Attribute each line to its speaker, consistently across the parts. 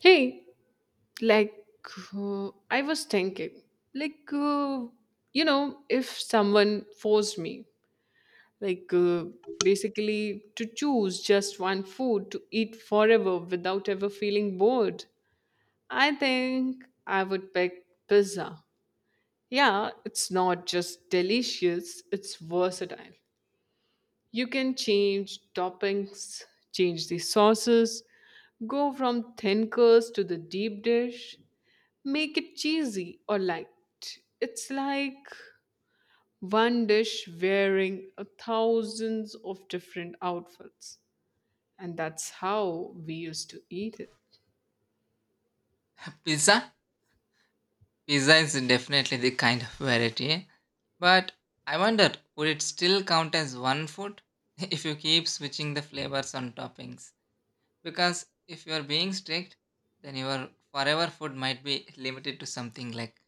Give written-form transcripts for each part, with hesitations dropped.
Speaker 1: Hey, like, I was thinking, like, uh, if someone forced me, like, uh, basically to choose just one food to eat forever without ever feeling bored, I think I would pick pizza. Yeah, it's not just delicious, it's versatile. You can change toppings, change the sauces, go from thin curds to the deep dish make it cheesy or light. It's like one dish wearing a thousands of different outfits. And that's how we used to eat it.
Speaker 2: Pizza? Pizza is definitely the kind of variety, eh? But I wonder would it still count as one food if you keep switching the flavors on toppings? Because if you are being strict, then your forever food might be limited to something like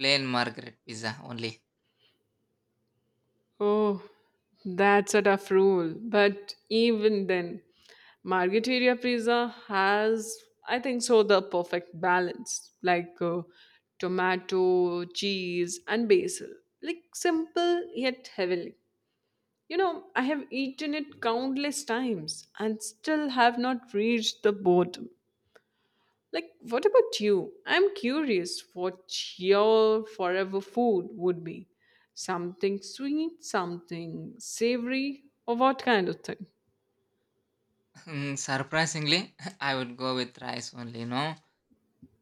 Speaker 2: plain margaret pizza only.
Speaker 1: Oh, that's a tough rule. But even then, Margherita pizza has, I think so, the perfect balance like tomato, cheese, and basil. Like simple yet heavenly. You know, I have eaten it countless times and still have not reached the bottom. Like, what about you? I'm curious what your forever food would be. Something sweet, something savory, or what kind of thing?
Speaker 2: Hmm, surprisingly, I would go with rice only, no?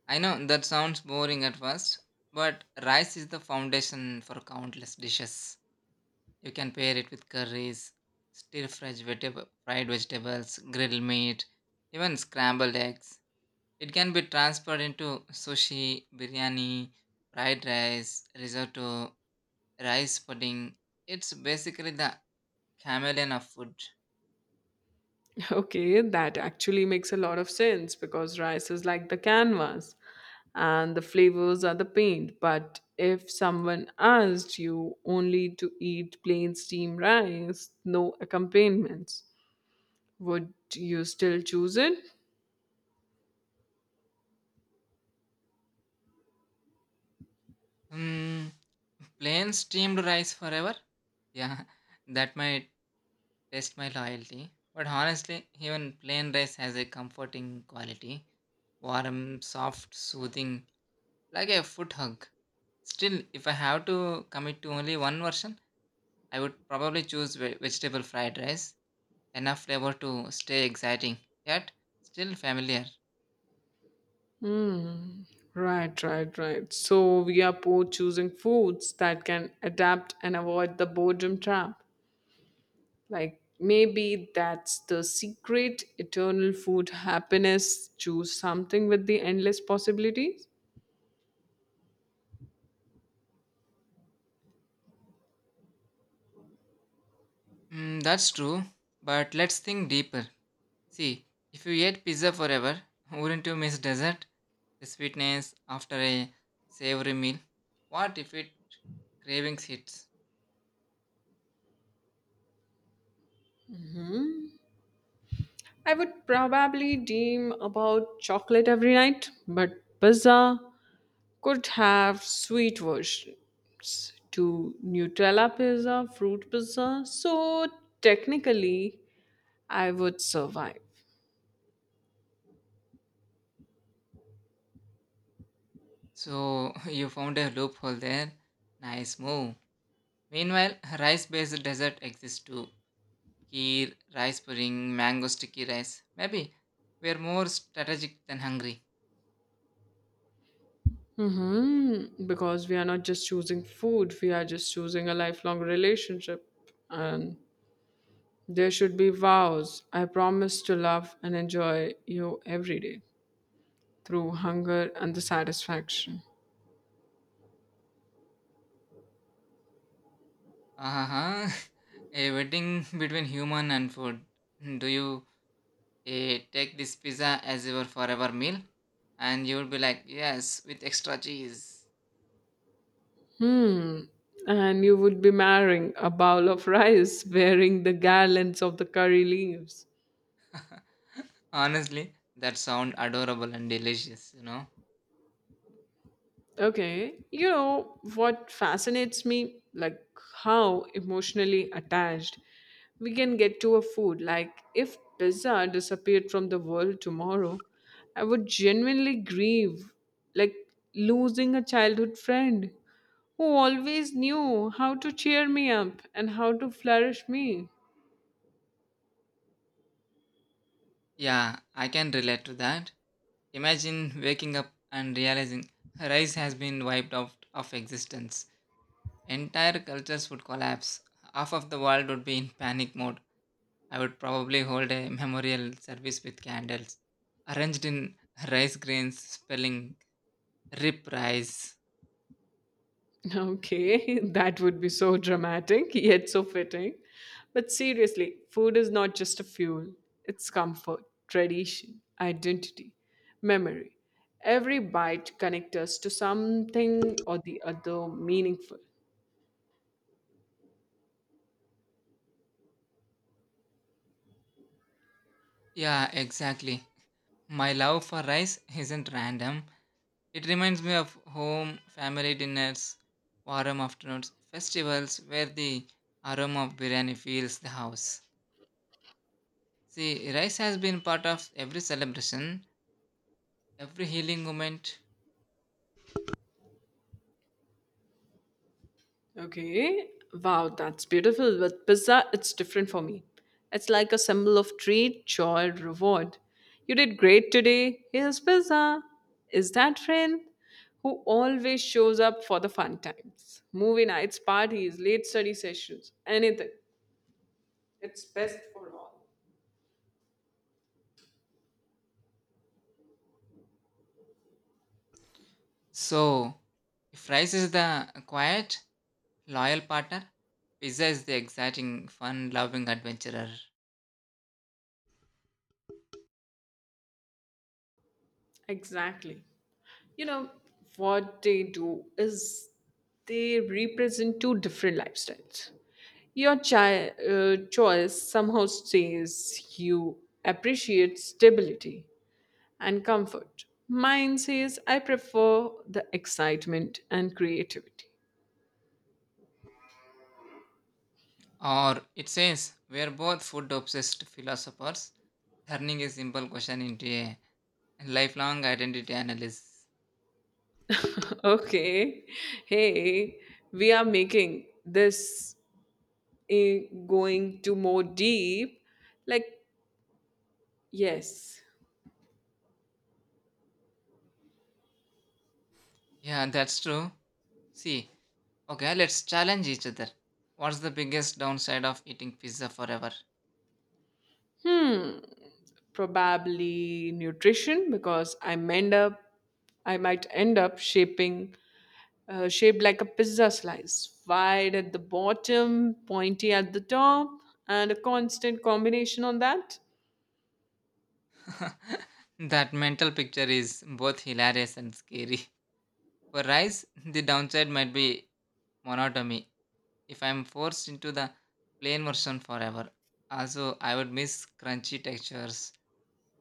Speaker 2: I know that sounds boring at first, but rice is the foundation for countless dishes. You can pair it with curries, stir fried, vegetable, fried vegetables, grilled meat, even scrambled eggs. It can be transferred into sushi, biryani, fried rice, risotto, rice pudding. It's basically the chameleon of food.
Speaker 1: Okay, that actually makes a lot of sense because rice is like the canvas and the flavors are the paint. But if someone asked you only to eat plain steamed rice, no accompaniments, would you still choose it?
Speaker 2: Hmm, plain steamed rice forever? Yeah, that might test my loyalty. But honestly, even plain rice has a comforting quality, warm, soft, soothing, like a foot hug. Still, if I have to commit to only one version, I would probably choose vegetable fried rice. Enough flavor to stay exciting, yet still familiar.
Speaker 1: Hmm. Right, right, right. So we are both choosing foods that can adapt and avoid the boredom trap. Like maybe that's the secret eternal food happiness. Choose something with the endless possibilities.
Speaker 2: Mm, that's true, but let's think deeper. See, if you ate pizza forever, wouldn't you miss dessert? The sweetness after a savory meal? What if it cravings hits?
Speaker 1: I would probably dream about chocolate every night, but pizza could have sweet versions to Nutella pizza, fruit pizza. So technically, I would survive.
Speaker 2: So you found a loophole there. Nice move. Meanwhile, rice based dessert exists too. Kheer, rice pudding, mango sticky rice. Maybe we're more strategic than hungry.
Speaker 1: Mm-hmm. Because we are not just choosing food, we are just choosing a lifelong relationship. And there should be vows. I promise to love and enjoy you every day through hunger and the satisfaction.
Speaker 2: Uh-huh. A wedding between human and food. Do you take this pizza as your forever meal? And you'll be like, yes, with extra cheese.
Speaker 1: Hmm. And you would be marrying a bowl of rice wearing the garlands of the curry leaves.
Speaker 2: Honestly, that sound adorable and delicious,
Speaker 1: Okay, you know what fascinates me? Like how emotionally attached we can get to a food. Like, if pizza disappeared from the world tomorrow, I would genuinely grieve, like losing a childhood friend who always knew how to cheer me up and how to flourish me.
Speaker 2: Yeah, I can relate to that. Imagine waking up and realizing rice has been wiped out of existence. Entire cultures would collapse. Half of the world would be in panic mode. I would probably hold a memorial service with candles arranged in rice grains, spelling RIP rice.
Speaker 1: Okay, that would be so dramatic, yet so fitting. But seriously, food is not just a fuel, it's comfort, tradition, identity, memory. Every bite connects us to something or the other meaningful.
Speaker 2: Yeah, exactly. My love for rice isn't random. It reminds me of home, family dinners, warm afternoons, festivals where the aroma of biryani fills the house. See, rice has been part of every celebration, every healing moment.
Speaker 1: Okay. Wow, that's beautiful. With pizza, it's different for me. It's like a symbol of treat, joy, reward. You did great today. Here's pizza. Is that friend who always shows up for the fun times, movie nights, parties, late study sessions, anything. It's best for all.
Speaker 2: So, if rice is the quiet, loyal partner, pizza is the exciting, fun loving adventurer.
Speaker 1: Exactly. You know what they do is they represent two different lifestyles, your choice somehow says you appreciate stability and comfort, mine says I prefer the excitement and creativity.
Speaker 2: Or it says, we're both food obsessed philosophers, turning a simple question into a lifelong identity analysis.
Speaker 1: Okay, hey, we are making this eh, going to more deep, like, yes.
Speaker 2: Yeah, that's true. See, okay, let's challenge each other. What's the biggest downside of eating pizza forever?
Speaker 1: Hmm, probably nutrition because I might end up shaping shaped like a pizza slice, wide at the bottom, pointy at the top, and a constant combination on that.
Speaker 2: That mental picture is both hilarious and scary. For rice, the downside might be monotony. If I'm forced into the plain version forever, also I would miss crunchy textures.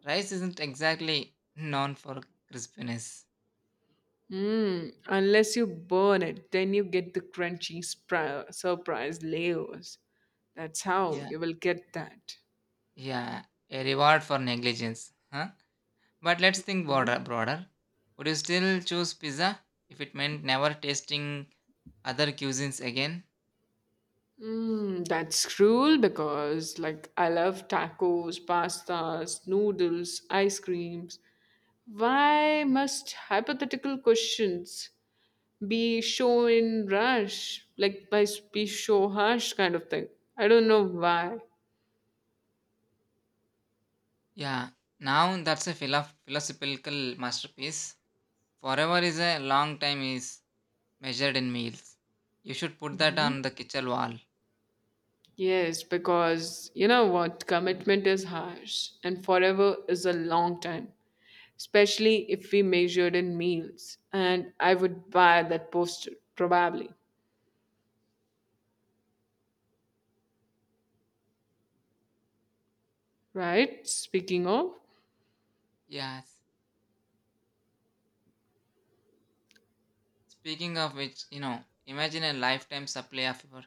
Speaker 2: Rice isn't exactly known for crispiness.
Speaker 1: Mm, unless you burn it, then you get the crunchy surprise layers. That's how
Speaker 2: Yeah,
Speaker 1: you will get that.
Speaker 2: yeah, a reward for negligence, huh? But let's think broader. Broader, would you still choose pizza if it meant never tasting other cuisines again?
Speaker 1: Mm, that's cruel because, like, I love tacos, pastas, noodles, ice creams. Why must hypothetical questions be show in rush, like by s- be show harsh kind of thing? I don't know why.
Speaker 2: Yeah, now that's a philosophical masterpiece. Forever is a long time is measured in meals. You should put that on the kitchen wall.
Speaker 1: Yes, because you know what? Commitment is harsh, and forever is a long time, especially if we measured in meals. And I would buy that poster, probably. Right? Speaking of.
Speaker 2: Yes. Speaking of which, imagine a lifetime supply of your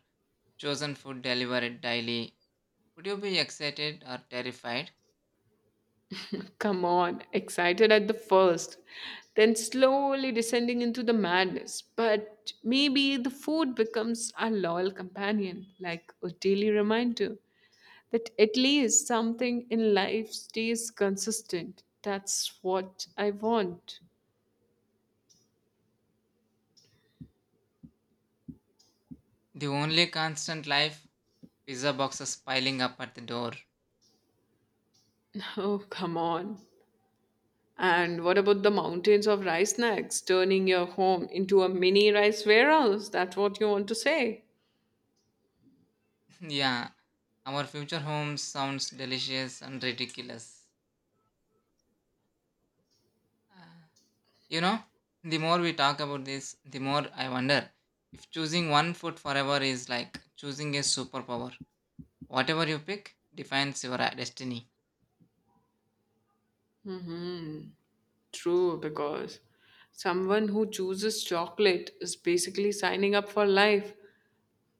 Speaker 2: chosen food delivered daily. Would you be excited or terrified?
Speaker 1: Come on, excited at the first, then slowly descending into the madness. But maybe the food becomes our loyal companion, like a daily reminder that at least something in life stays consistent. That's what I want.
Speaker 2: The only constant life, pizza boxes piling up at the door.
Speaker 1: Oh, come on. And what about the mountains of rice snacks, turning your home into a mini rice warehouse? That's what you want to say.
Speaker 2: Yeah, our future home sounds delicious and ridiculous. Uh, you know, the more we talk about this, the more I wonder if choosing one food forever is like choosing a superpower. Whatever you pick defines your destiny.
Speaker 1: Hmm. True, because someone who chooses chocolate is basically signing up for life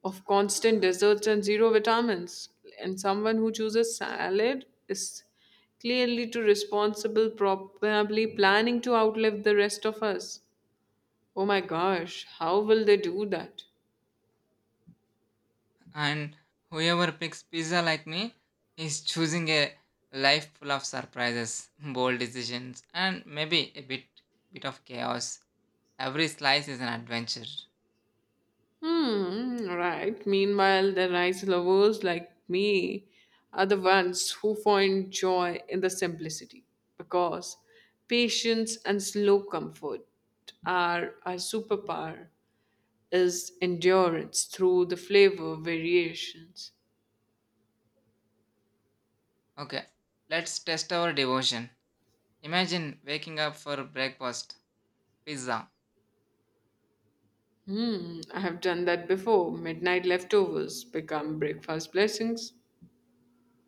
Speaker 1: of constant desserts and zero vitamins. And someone who chooses salad is clearly too responsible, probably planning to outlive the rest of us. Oh my gosh, how will they do that?
Speaker 2: And whoever picks pizza like me is choosing a life full of surprises, bold decisions, and maybe a bit of chaos. Every slice is an adventure.
Speaker 1: Hmm, right. Meanwhile, the rice lovers like me are the ones who find joy in the simplicity because patience and slow comfort are our superpower is endurance through the flavor variations.
Speaker 2: Okay, let's test our devotion. Imagine waking up for breakfast, pizza,
Speaker 1: Hmm, I have done that before. Midnight leftovers become breakfast blessings.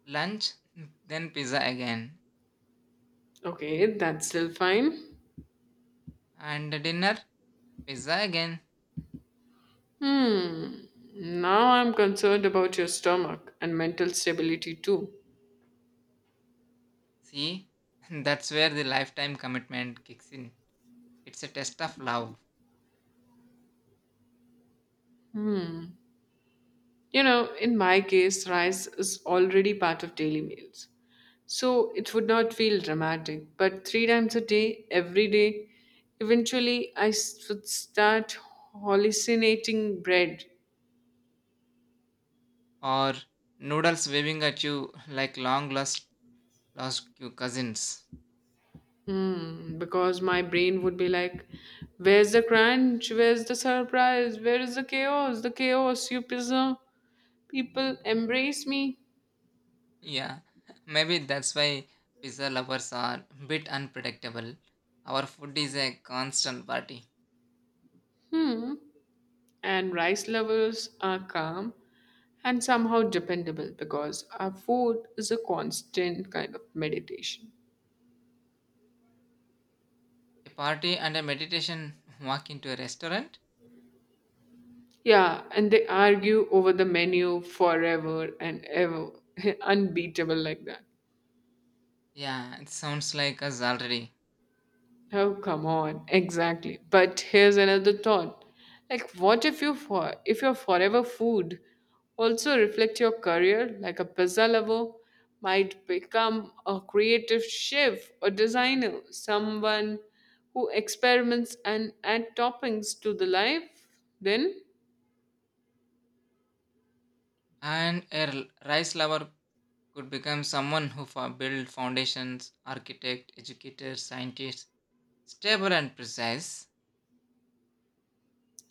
Speaker 2: lunch, then pizza again,
Speaker 1: Okay, that's still fine.
Speaker 2: and dinner, pizza again.
Speaker 1: Hmm. Now I'm concerned about your stomach and mental stability too.
Speaker 2: See, that's where the lifetime commitment kicks in. It's a test of love.
Speaker 1: You know, in my case, rice is already part of daily meals. So it would not feel dramatic, but three times a day, every day, eventually would start hallucinating bread.
Speaker 2: Or noodles waving at you like long lost lost you cousins.
Speaker 1: Hmm, because my brain would be like, where's the crunch? Where's the surprise? Where is the chaos? The chaos, you pizza. People embrace me.
Speaker 2: Yeah, maybe that's why pizza lovers are a bit unpredictable. Our food is a constant party.
Speaker 1: Hmm. And rice lovers are calm and somehow dependable because our food is a constant kind of meditation.
Speaker 2: A party and a meditation walk into a restaurant?
Speaker 1: Yeah, and they argue over the menu forever and ever, unbeatable like that.
Speaker 2: Yeah, it sounds like us already.
Speaker 1: Oh, come on. Exactly. But here's another thought. Like what if your forever food also reflect your career, like a pizza lover might become a creative chef or designer, someone who experiments and add toppings to the life, then
Speaker 2: And a rice lover could become someone who build foundations, architect, educator, scientist, stable and precise.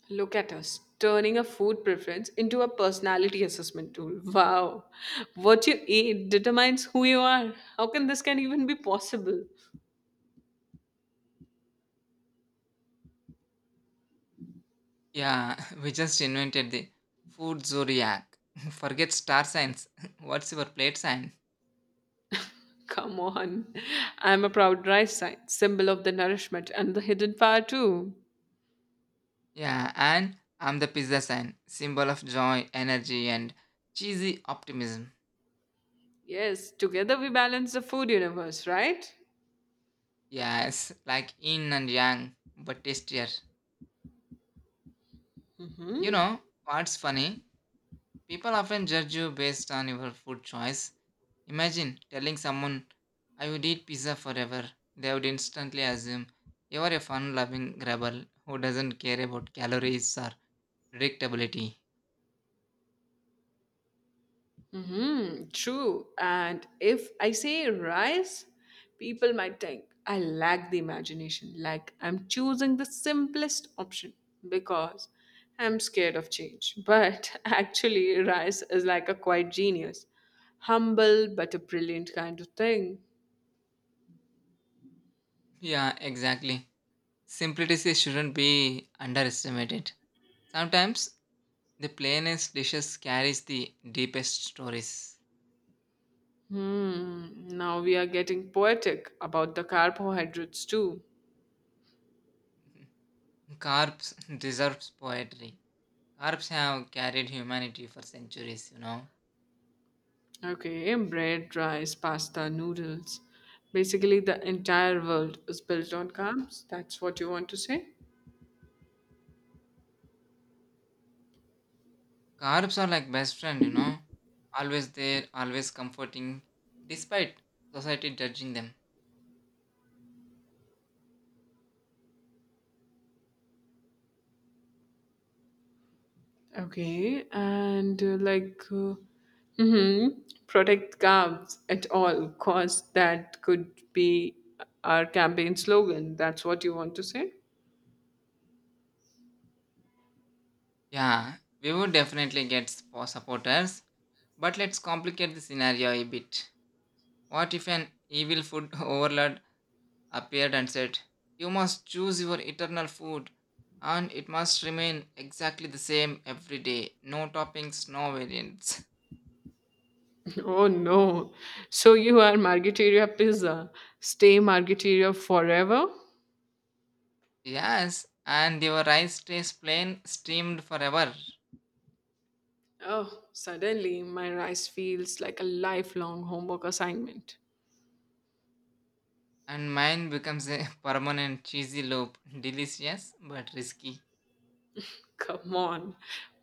Speaker 1: look at us turning a food preference into a personality assessment tool. Wow. What you eat determines who you are. How can this can even be possible?
Speaker 2: Yeah, we just invented the food zodiac. Forget star signs. What's your plate sign?
Speaker 1: Come on. I'm a proud rice sign, symbol of the nourishment and the hidden power too.
Speaker 2: Yeah, and I'm the pizza sign, symbol of joy, energy, and cheesy optimism.
Speaker 1: Yes, together we balance the food universe, right?
Speaker 2: Yes, like yin and yang, but tastier. You
Speaker 1: Mm-hmm.
Speaker 2: know what's funny? People often judge you based on your food choice. Imagine telling someone, I would eat pizza forever. They would instantly assume you are a fun loving rebel who doesn't care about calories or predictability.
Speaker 1: Mm-hmm. True. And if I say rice, people might think I lack the imagination, like I'm choosing the simplest option because I'm scared of change. But actually, rice is like a quiet genius, humble but a brilliant kind of thing.
Speaker 2: Yeah, exactly. Simplicity shouldn't be underestimated. Sometimes the plainest dishes carries the deepest stories.
Speaker 1: Hmm. Now we are getting poetic about the carbohydrates too.
Speaker 2: Carps deserves poetry. Carps have carried humanity for centuries,
Speaker 1: Okay, bread, rice, pasta, noodles. Basically, the entire world is built on carbs. That's what you want to say.
Speaker 2: Carps are like best friend, Always there, always comforting, despite society judging them.
Speaker 1: Okay, and mhm, protect carbs at all costs. That could be our campaign slogan. That's what you want to say.
Speaker 2: Yeah, we would definitely get supporters, but let's complicate the scenario a bit. What if an evil food overlord appeared and said, you must choose your eternal food, and it must remain exactly the same every day, no toppings, no variants?
Speaker 1: Oh no! So you are Margherita pizza. Stay Margherita forever.
Speaker 2: Yes, and your rice stays plain, steamed forever,
Speaker 1: Oh, suddenly my rice feels like a lifelong homework assignment.
Speaker 2: and mine becomes a permanent cheesy loop. Delicious but risky.
Speaker 1: Come on.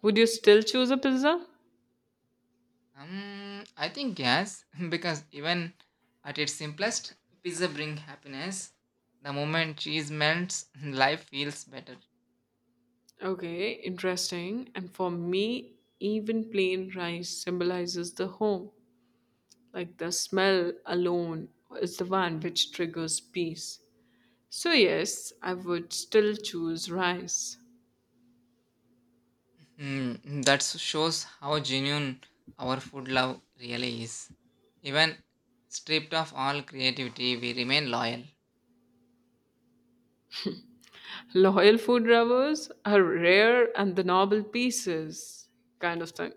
Speaker 1: Would you still choose a pizza?
Speaker 2: I think yes, because even at its simplest, pizza brings happiness. The moment cheese melts, life feels better.
Speaker 1: Okay, interesting. And for me, even plain rice symbolizes the home. Like the smell alone is the one which triggers peace. So, yes, I would still choose rice.
Speaker 2: Mm, that shows how genuine our food love really is. Even stripped of all creativity, we remain loyal.
Speaker 1: Loyal food lovers are rare and the noble pieces, kind of thing.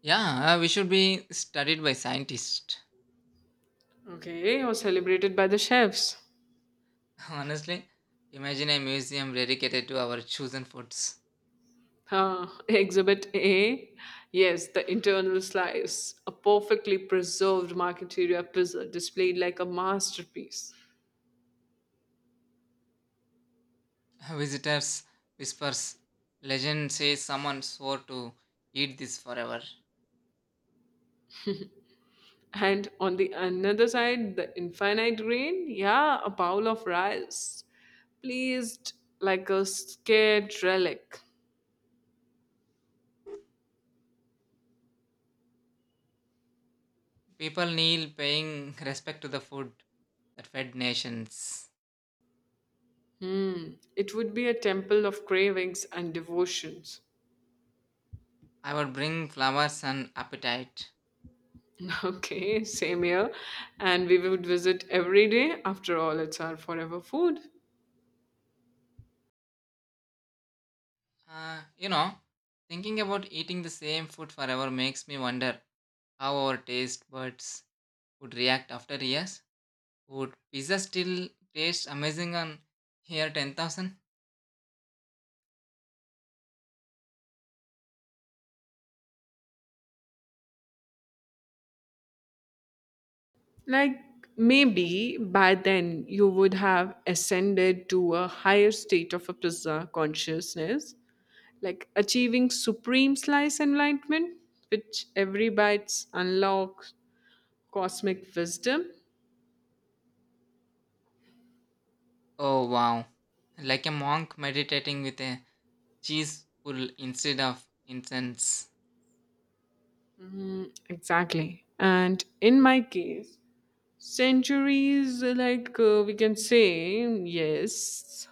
Speaker 2: Yeah, we should be studied by scientists.
Speaker 1: Okay, or celebrated by the chefs.
Speaker 2: Honestly, imagine a museum dedicated to our chosen foods.
Speaker 1: Exhibit A. Yes, the internal slice, a perfectly preserved marketeria puzzle displayed like a masterpiece.
Speaker 2: Visitors whispers, legend says someone swore to eat this forever.
Speaker 1: And on the another side, the infinite grain, yeah, a bowl of rice, pleased like a scared relic.
Speaker 2: People kneel paying respect to the food that fed nations.
Speaker 1: It would be a temple of cravings and devotions.
Speaker 2: I would bring flowers and appetite.
Speaker 1: Okay, same here. And we would visit every day. After all, it's our forever food.
Speaker 2: Uh, you know, thinking about eating the same food forever makes me wonder how our taste buds would react after years. Would pizza still taste amazing on here 10,000?
Speaker 1: Like maybe by then you would have ascended to a higher state of a pizza consciousness, like achieving supreme slice enlightenment, which every bites unlocks cosmic wisdom.
Speaker 2: Oh wow. Like a monk meditating with a cheese pull instead of incense.
Speaker 1: Exactly. And in my case, centuries, like we can say, yes,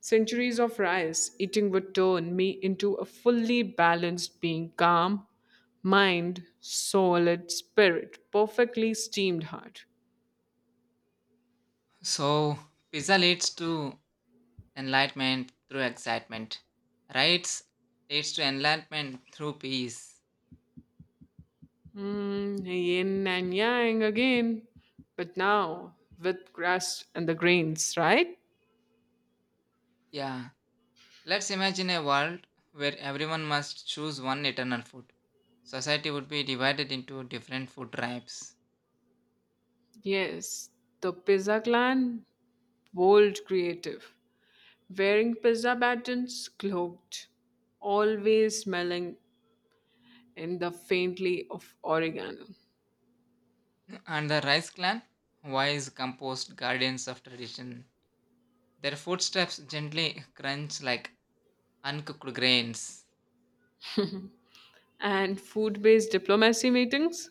Speaker 1: centuries of rice eating would turn me into a fully balanced being, calm, mind, solid spirit, perfectly steamed heart.
Speaker 2: So, pizza leads to enlightenment through excitement. Rights leads to enlightenment through peace.
Speaker 1: Mm, yin and yang again, but now with crust and the grains, right?
Speaker 2: Yeah. Let's imagine a world where everyone must choose one eternal food. Society would be divided into different food tribes.
Speaker 1: Yes, the pizza clan, bold creative, wearing pizza buttons, cloaked, always smelling in the faintly of oregano.
Speaker 2: And the rice clan, wise, composed guardians of tradition. Their footsteps gently crunch like uncooked grains.
Speaker 1: And food based diplomacy meetings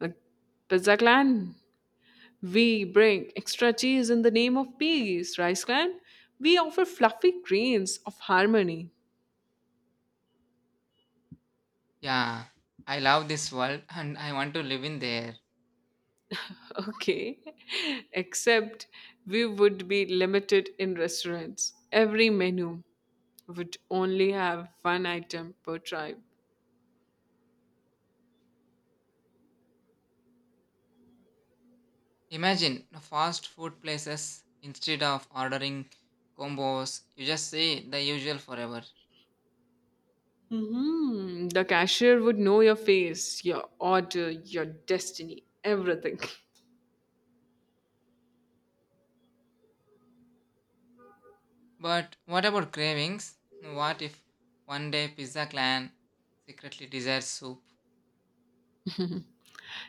Speaker 1: like Pizza Clan. We bring extra cheese in the name of peace, Rice Clan. We offer fluffy grains of harmony.
Speaker 2: Yeah, I love this world and I want to live in there.
Speaker 1: Okay, except we would be limited in restaurants. Every menu would only have one item per tribe.
Speaker 2: Imagine fast food places instead of ordering combos, you just say the usual forever.
Speaker 1: Hmm. The cashier would know your face, your order, your destiny, everything.
Speaker 2: But what about cravings? What if one day Pizza Clan secretly desires soup?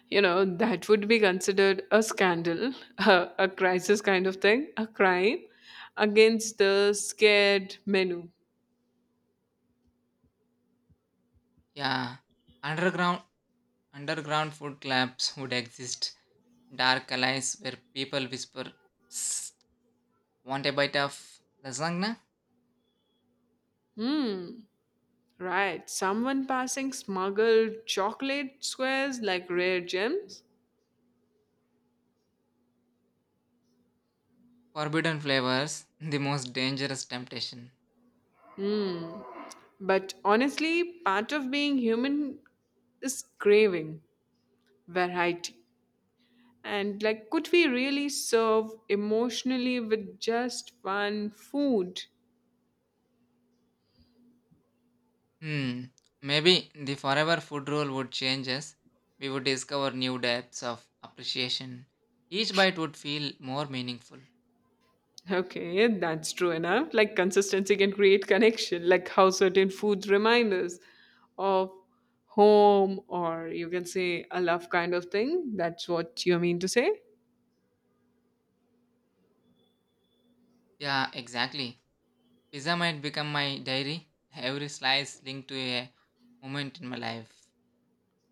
Speaker 1: You know that would be considered a scandal, a crisis kind of thing, a crime against the scared menu.
Speaker 2: Yeah, underground underground food clubs would exist. Dark alleys where people whisper, "Psst, want a bite of lasagna?"
Speaker 1: Hmm, right, someone passing smuggled chocolate squares like rare gems.
Speaker 2: Forbidden flavors, the most dangerous temptation.
Speaker 1: But honestly part of being human is craving variety, and like could we really serve emotionally with just one food?
Speaker 2: Hmm. Maybe the forever food rule would change us. We would discover new depths of appreciation. Each bite would feel more meaningful.
Speaker 1: Okay, that's true enough. Like consistency can create connection, like how certain foods remind us of home or you can say a love kind of thing. That's what you mean to say?
Speaker 2: Yeah, exactly. Pizza might become my diary, every slice linked to a moment in my life.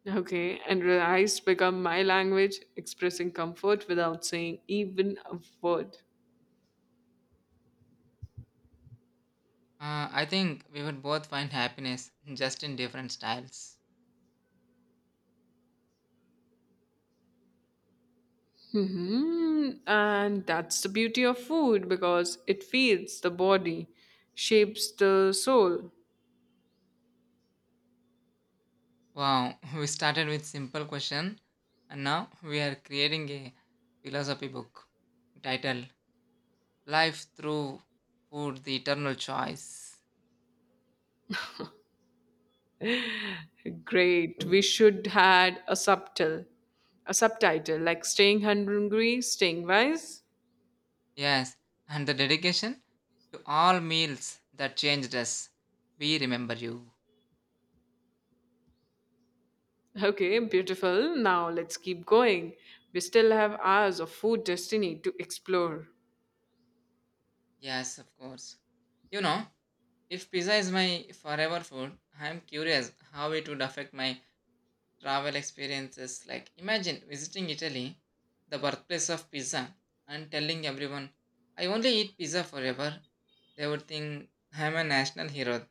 Speaker 1: Okay, and rice become my language, expressing comfort without saying even a word.
Speaker 2: I think we would both find happiness just in different styles.
Speaker 1: Hmm. And that's the beauty of food because it feeds the body, shapes the soul.
Speaker 2: Wow, we started with simple question and now we are creating a philosophy book titled Life Through Food, the Eternal Choice.
Speaker 1: Great. We should had a subtitle like "Staying Hungry, Staying Wise."
Speaker 2: Yes, and the dedication to all meals that changed us. We remember you.
Speaker 1: Okay, beautiful. Now let's keep going. We still have hours of food destiny to explore.
Speaker 2: Yes, of course. You know, If pizza is my forever food, I am curious how it would affect my travel experiences. Like, imagine visiting Italy, the birthplace of pizza, and telling everyone, I only eat pizza forever. They would think I am a national hero.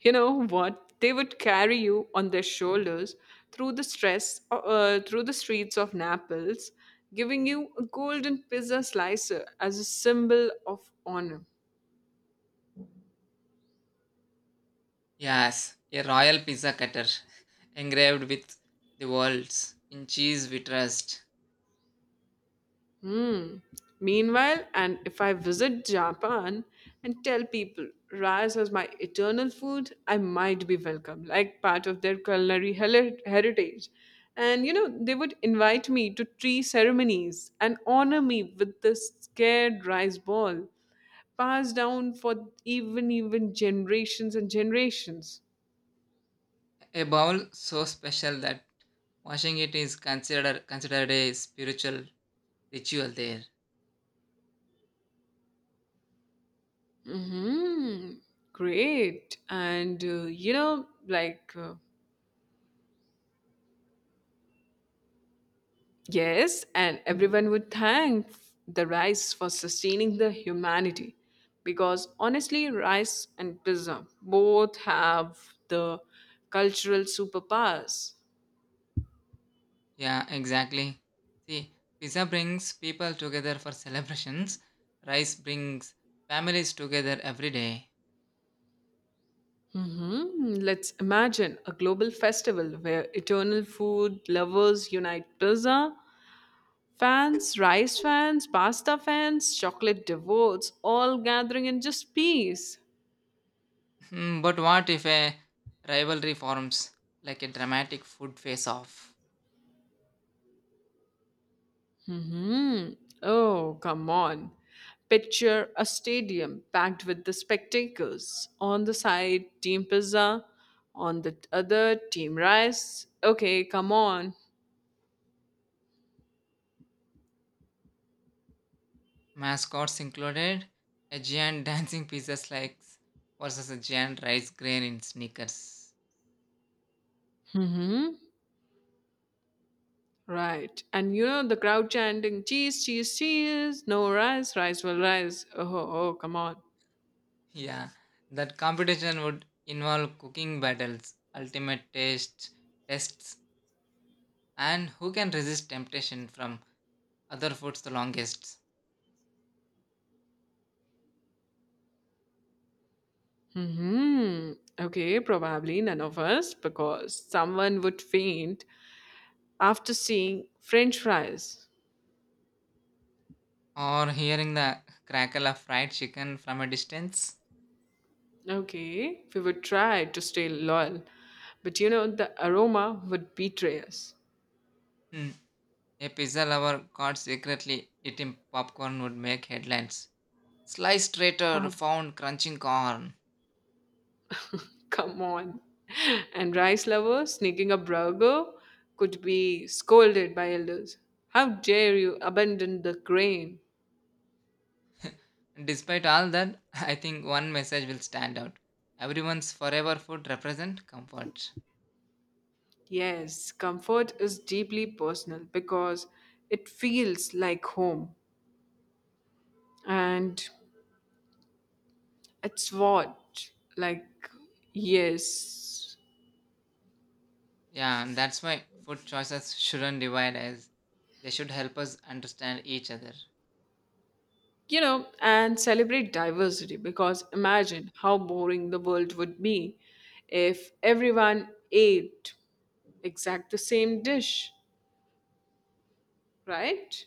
Speaker 1: You know what? They would carry you on their shoulders through the stress, through the streets of Naples, giving you a golden pizza slicer as a symbol of honor.
Speaker 2: Yes, a royal pizza cutter, engraved with the words, in cheese we trust.
Speaker 1: Hmm. Meanwhile, and if I visit Japan and tell people rice is my eternal food, I might be welcome, like part of their culinary heritage. And you know, they would invite me to tree ceremonies and honor me with this scared rice ball, passed down for even generations and generations.
Speaker 2: A bowl so special that washing it is considered a spiritual ritual there.
Speaker 1: Hmm. Great. And you know, like. Yes, and everyone would thank the rice for sustaining the humanity because honestly, rice and pizza both have the cultural superpowers.
Speaker 2: Yeah, exactly. See, pizza brings people together for celebrations. Rice brings families together every day.
Speaker 1: Hmm. Let's imagine a global festival where eternal food lovers unite pizza fans, rice fans, pasta fans, chocolate devotes, all gathering in just peace.
Speaker 2: Hmm, but what if a rivalry forms, like a dramatic food face-off?
Speaker 1: Hmm. Oh, come on. Picture a stadium packed with the spectators. On the side, Team Pizza. On the other, Team Rice. Okay, come on.
Speaker 2: Mascots included, a giant dancing pizza slice versus a giant rice grain in sneakers.
Speaker 1: Mm-hmm. Right. And you know the crowd chanting, cheese, cheese, cheese. No rice, rice will rise. Oh, oh, oh, come on.
Speaker 2: Yeah, that competition would involve cooking battles, ultimate taste tests, and who can resist temptation from other foods the longest,
Speaker 1: Hmm. Okay, probably none of us because someone would faint after seeing French fries.
Speaker 2: or hearing the crackle of fried chicken from a distance.
Speaker 1: Okay, we would try to stay loyal, but you know, the aroma would betray us.
Speaker 2: Hmm. A pizza lover caught secretly eating popcorn would make headlines. Sliced traitor
Speaker 1: Ah,
Speaker 2: found crunching corn.
Speaker 1: come on. And rice lovers sneaking a burger could be scolded by elders. How dare you abandon the grain?
Speaker 2: Despite all that, I think one message will stand out. Everyone's forever food represent comfort.
Speaker 1: Yes, comfort is deeply personal because it feels like home and it's what, like, yes.
Speaker 2: Yeah, and that's why food choices shouldn't divide us. They should help us understand each other.
Speaker 1: You know, and celebrate diversity because imagine how boring the world would be if everyone ate exact the same dish, right?